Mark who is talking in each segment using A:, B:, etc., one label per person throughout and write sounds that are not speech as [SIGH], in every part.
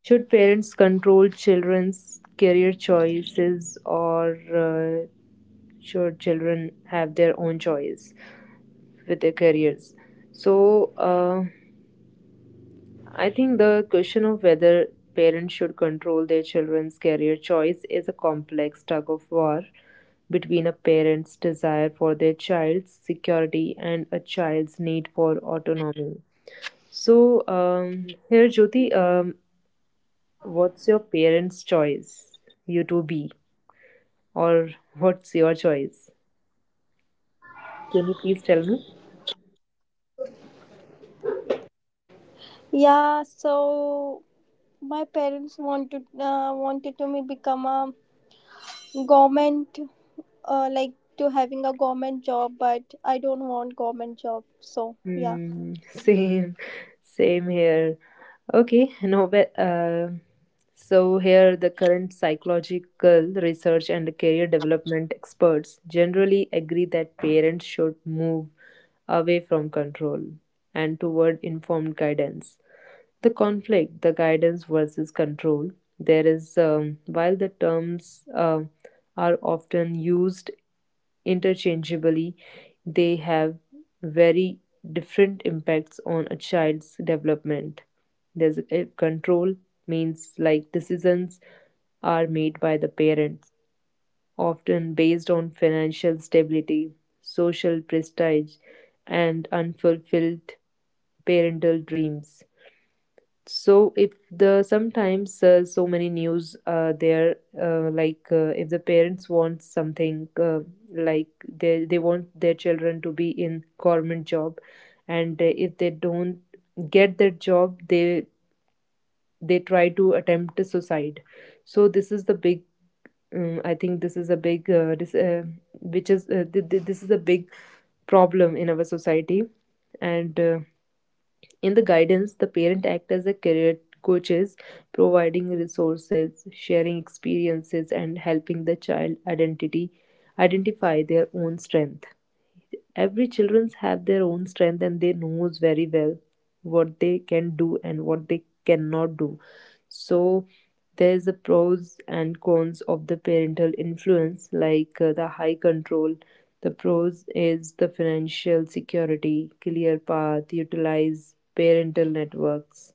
A: should parents control children's career choices, or should children have their own choice with their careers? So I think the question of whether parents should control their children's career choice is a complex tug of war between a parent's desire for their child's security and a child's need for autonomy. So, here, Jyoti, what's your parents' choice? You to be, or what's your choice? Can you please tell me?
B: Yeah, so my parents wanted wanted to me become a government like to having a government job, but I don't want government job. So yeah.
A: Hmm, [LAUGHS] same, same here. Okay, no, but so here the current psychological research and career development experts generally agree that parents should move away from control and toward informed guidance. The conflict, the guidance versus control. There is, while the terms are often used interchangeably, they have very different impacts on a child's development. There's control means, like, decisions are made by the parents, often based on financial stability, social prestige, and unfulfilled parental dreams. So if the sometimes so many news there like if the parents want something like they want their children to be in government job, and if they don't get that job, they try to attempt to suicide. So this is the big, I think this is a big this, which is this is a big problem in our society. And in the guidance, the parent acts as a career coaches, providing resources, sharing experiences, and helping the child identity identify their own strength. Every children's have their own strength, and they knows very well what they can do and what they cannot do. So there's the pros and cons of the parental influence, like the high control. The pros is the financial security, clear path, utilize parental networks.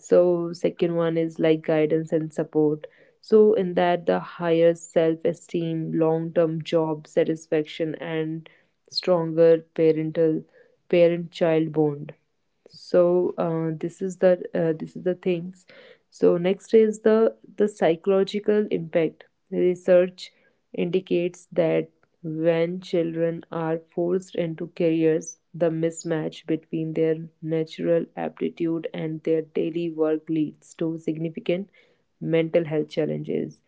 A: So second one is like guidance and support. So in that, the higher self esteem, long term job satisfaction, and stronger parent child bond. So this is the things. So next is the psychological impact. Research indicates that when children are forced into careers, the mismatch between their natural aptitude and their daily work leads to significant mental health challenges,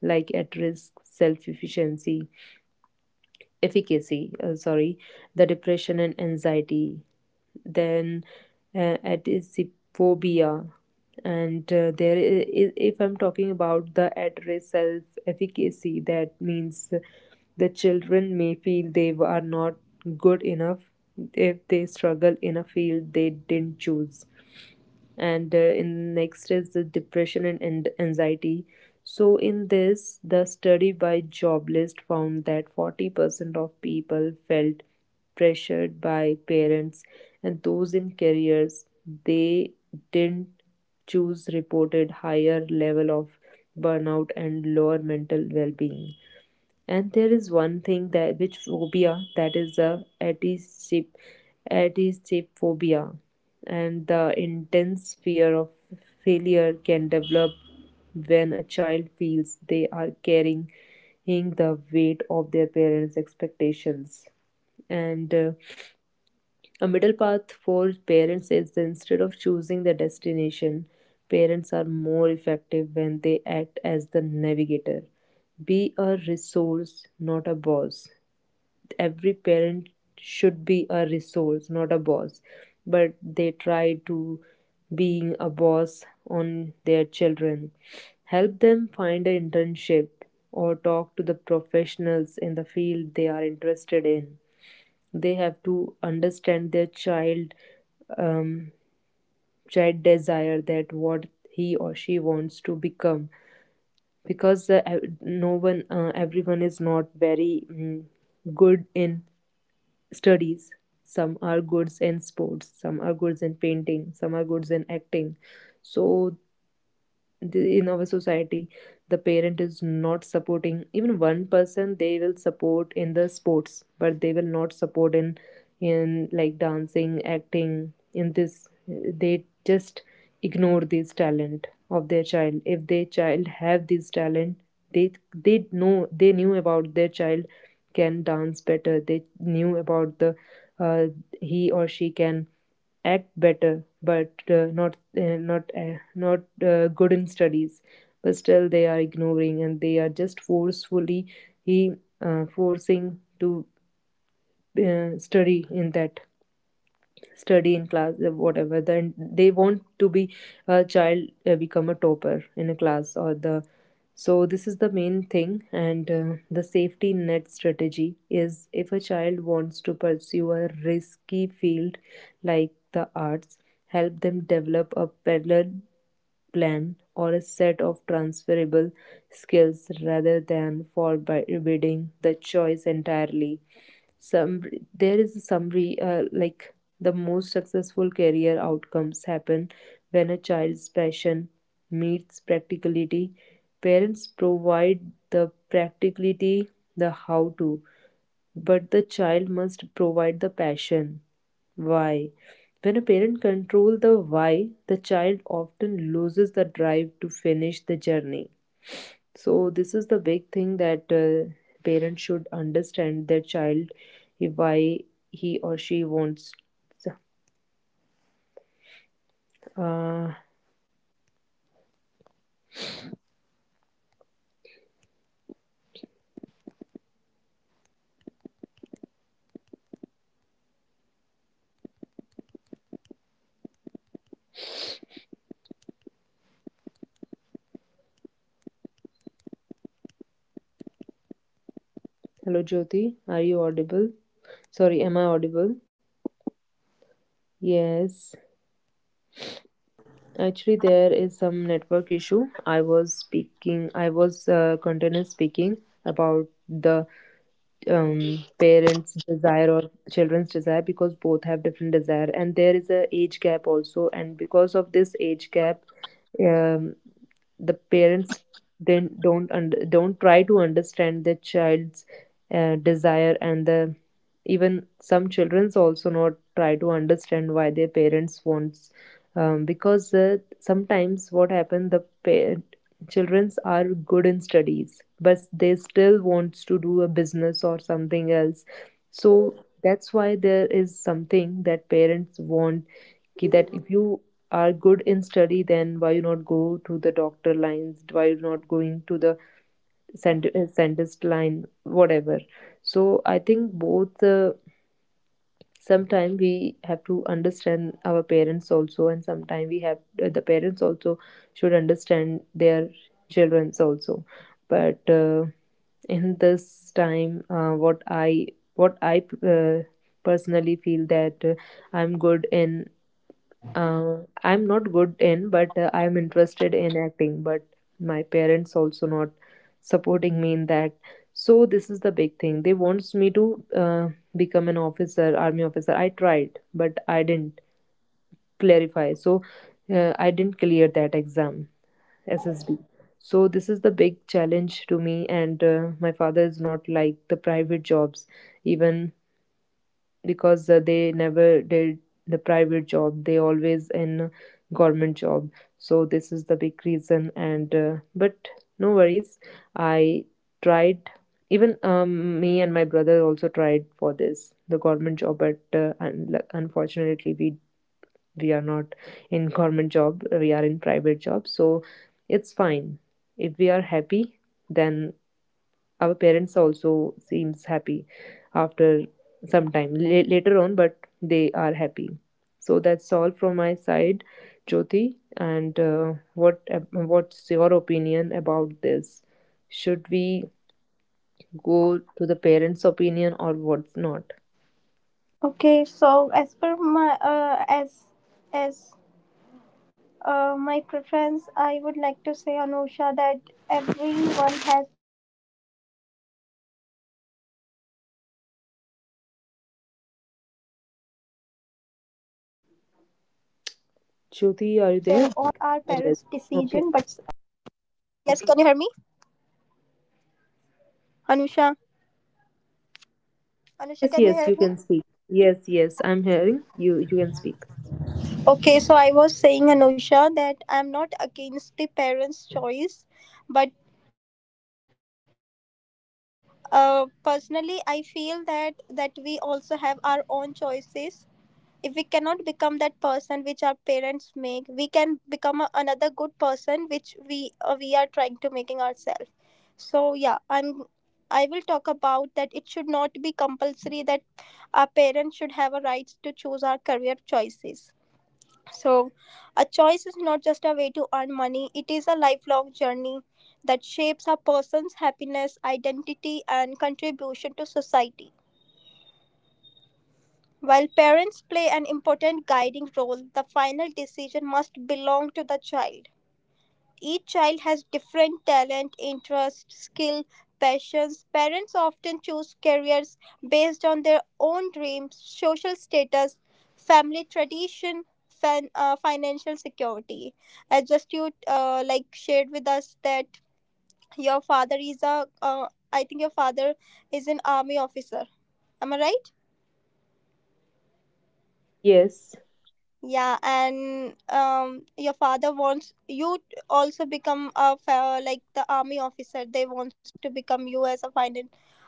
A: like at risk self efficiency efficacy, the depression and anxiety, then adipophobia, and there is, if I'm talking about the at-risk self-efficacy, that means the children may feel they are not good enough if they struggle in a field they didn't choose. And in next is the depression and anxiety. So in this, the study by joblist found that 40% of people felt pressured by parents, and those in careers they didn't choose reported higher level of burnout and lower mental well-being. And there is one thing, that which phobia, that is the anticip antiphobia, and the intense fear of failure can develop when a child feels they are carrying the weight of their parents' expectations. And a middle path for parents is that instead of choosing the destination, parents are more effective when they act as the navigator. Be a resource, not a boss. Every parent should be a resource, not a boss. But they try to being a boss on their children. Help them find an internship or talk to the professionals in the field they are interested in. They have to understand their child, um, child desire, that what he or she wants to become. Because the, no one, everyone is not very good in studies. Some are good in sports, some are good in painting, some are good in acting. So the, in our society, the parent is not supporting even one person. They will support in the sports, but they will not support in like dancing, acting. In this, they just ignore this talent of their child. If their child have this talent, they know, they knew about their child can dance better, they knew about the uh, he or she can act better, but not not not good in studies. But still, they are ignoring, and they are just forcefully he forcing to study in that, study in class, whatever, then they want to be a child become a topper in a class or the. So this is the main thing. And the safety net strategy is, if a child wants to pursue a risky field like the arts, help them develop a parallel plan or a set of transferable skills rather than forbidding the choice entirely. Some there is some like the most successful career outcomes happen when a child's passion meets practicality. Parents provide the practicality, the how to, but the child must provide the passion, why. When a parent controls the why, the child often loses the drive to finish the journey. So this is the big thing, that parents should understand their child, if why he or she wants. Uh, hello, Jyoti. Are you audible? Sorry, am I audible? Yes. Actually, there is some network issue. I was speaking. I was continuous speaking about the parents' desire or children's desire, because both have different desire, and there is a age gap also. And because of this age gap, um, the parents then don't try to understand their child's desire, and the even some childrens also not try to understand why their parents wants, because sometimes what happen, the childrens are good in studies but they still wants to do a business or something else. So that's why there is something that parents want कि that, if you are good in study, then why you not go to the doctor lines, why you not going to the scientist line, whatever. So I think both sometimes we have to understand our parents also, and sometimes we have the parents also should understand their children's also. But in this time, what I uh, personally feel that I'm good in uh, I'm not good in, but I'm interested in acting, but my parents also not supporting me in that. So this is the big thing. They wants me to become an officer, army officer. I tried, but I didn't clarify. So I didn't clear that exam, SSB. So this is the big challenge to me. And my father is not like the private jobs even, because they never did the private job, they always in government job. So this is the big reason. And but no worries, I tried. Even, me and my brother also tried for this, the government job, but like, unfortunately, we are not in government job, we are in private job. So it's fine. If we are happy, then our parents also seems happy after some time later on. But they are happy. So that's all from my side, Jyoti. And what's your opinion about this? Should we go to the parents opinion or what's not?
B: Okay, so as per my as as my preference, I would like to say Anusha that everyone has their own right to suggest their career choices. I respect our parents' decision, but like it's our choice also if
A: Jyoti,
B: we
A: are you
B: want.
A: there? Yes. Okay.
B: Yes, can you hear me, Anusha?
A: Yes,
B: Anusha,
A: yes,
B: can
A: you
B: you
A: can
B: hear me?
A: speak. Yes, yes, I'm hearing you. You can speak.
B: Okay, so I was saying Anusha that I'm not against the parents' choice, but personally, I feel that we also have our own choices. If we cannot become that person which our parents make, we can become a, another good person which we are trying to making ourselves. So yeah, I will talk about that. It should our parents should have a right to choose our career choices. So, a choice is not just a way to earn money, it is a lifelong journey that shapes a person's happiness, identity, and contribution to society. While parents play an important guiding role, the final decision must belong to the child. Each child has different talent, interest, skill, passions. Parents often choose careers based on their own dreams, social status, family tradition, financial security. As just you like shared with us that your father is I think your father is an army officer. Am I right?
A: Yes.
B: Yeah, and your father wants you also become a like the army officer. They wants to become you as a finance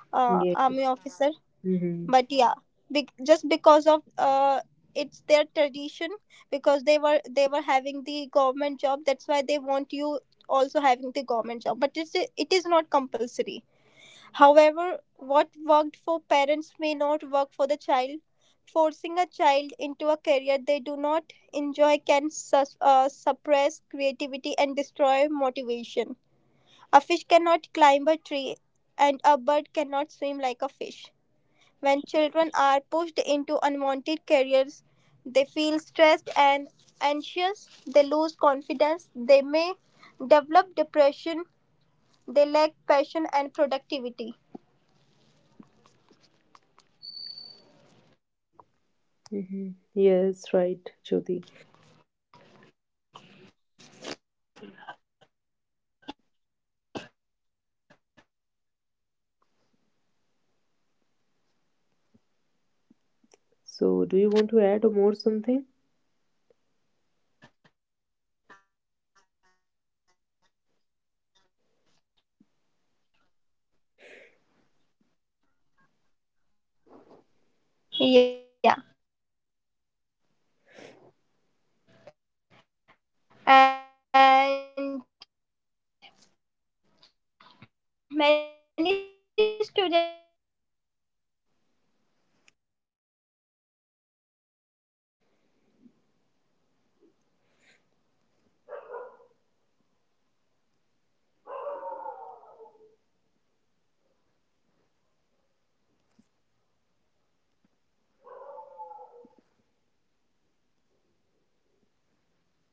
A: Yeah.
B: army officer.
A: Mm-hmm.
B: But yeah, just because of it's their tradition because they were having the government job. That's why they want you also having the government job. But it is not compulsory. However, what worked for parents may not work for the child. Forcing a child into a career they do not enjoy can suppress creativity and destroy motivation. A fish cannot climb a tree, and a bird cannot swim like a fish. When children are pushed into unwanted careers, they feel stressed and anxious, they lose confidence, they may develop depression, they lack passion and productivity.
A: Mm-hmm. Yes. Right. Jyoti.
B: Yeah. And many student um, many students study medicine engineering or law not because they love it but because they are forced to
A: So,
B: do
A: do you want to add more something?
B: no anush Anusha, am I audible to you, Anusha? Anusha,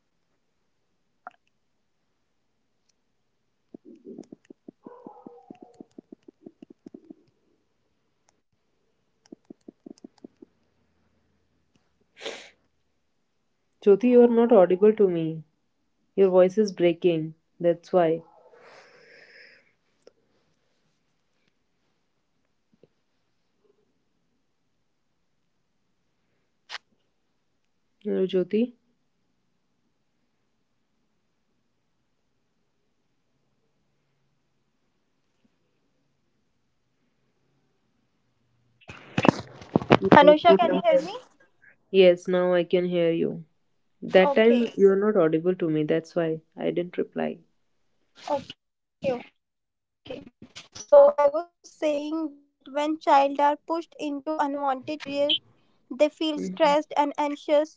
B: Anusha, am I audible,
A: Jyoti, you are not audible to me. Your voice is breaking. That's why. Hello, Jyoti. Yes,
B: Anusha? Can you hear
A: yes.
B: me?
A: Yes, now I can hear you. That
B: Okay,
A: time you are not audible to me. That's why I didn't reply.
B: okay, okay, so I was saying that when child are pushed into unwanted career they feel stressed and anxious, they
A: Mm-hmm.
B: lose confidence.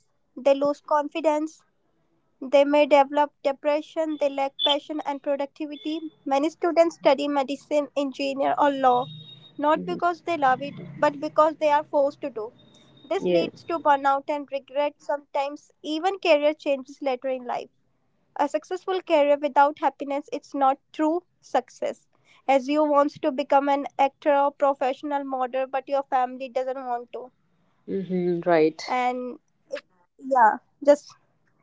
B: They may develop depression, they lack passion and productivity. Many students study medicine, engineer, or law, not because
A: Hmm.
B: they love it, but because they are forced to do. This leads to
A: Yes.
B: burnout and regret, sometimes even career changes later in life. A successful career without happiness is not true success. As you wants to become an actor or professional model, but your family doesn't want to.
A: Mm-hmm. Right.
B: And if- yeah, just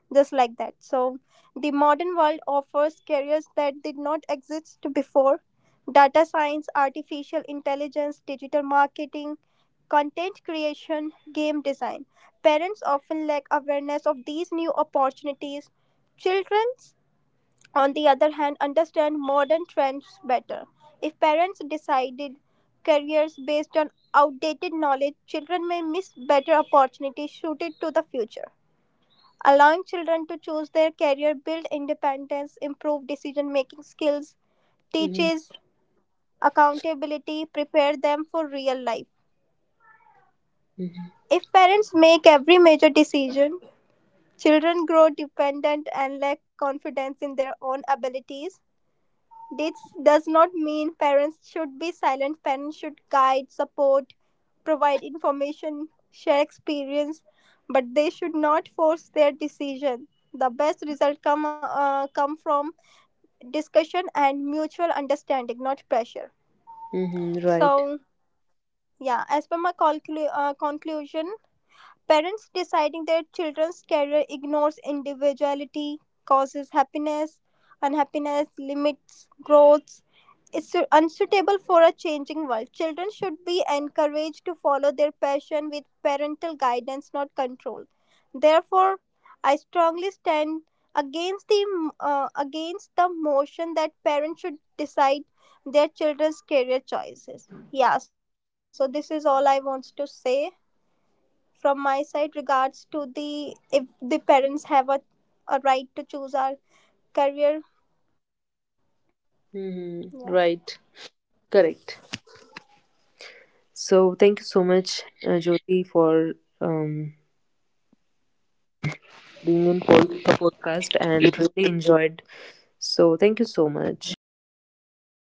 B: just like that, so the modern world offers careers that did not exist before: data, artificial intelligence, digital marketing, content creation, game design. Parents often lack awareness of these new opportunities. Children on the other hand understand modern trends better. If parents decided careers based on outdated knowledge, children may miss better opportunities suited to the future. Allowing children to choose their career builds independence, improve decision-making skills,
A: Mm-hmm.
B: teaches accountability, prepare them for real life.
A: Mm-hmm.
B: If parents make every major decision, children grow dependent and lack confidence in their own abilities. This does not mean parents should be silent. Parents should guide, support, provide information, share experience, but they should not force their decision. The best result come come from discussion and mutual understanding, not pressure.
A: Mm-hmm. Right.
B: So yeah, as per my conclusion, parents deciding their children's career ignores individuality, causes happiness unhappiness, limits growth, is unsuitable for a changing world. Children should be encouraged to follow their passion with parental guidance, not control. Therefore, I strongly stand against the motion that parents should decide their children's career choices. Yeah, so this is all I want to say from my side regards to the if the parents a right to choose our career. Yeah.
A: Mm-hmm. Right. Correct. So thank you so much, Jyoti, for um, being in the podcast, and really enjoyed. So thank you so much.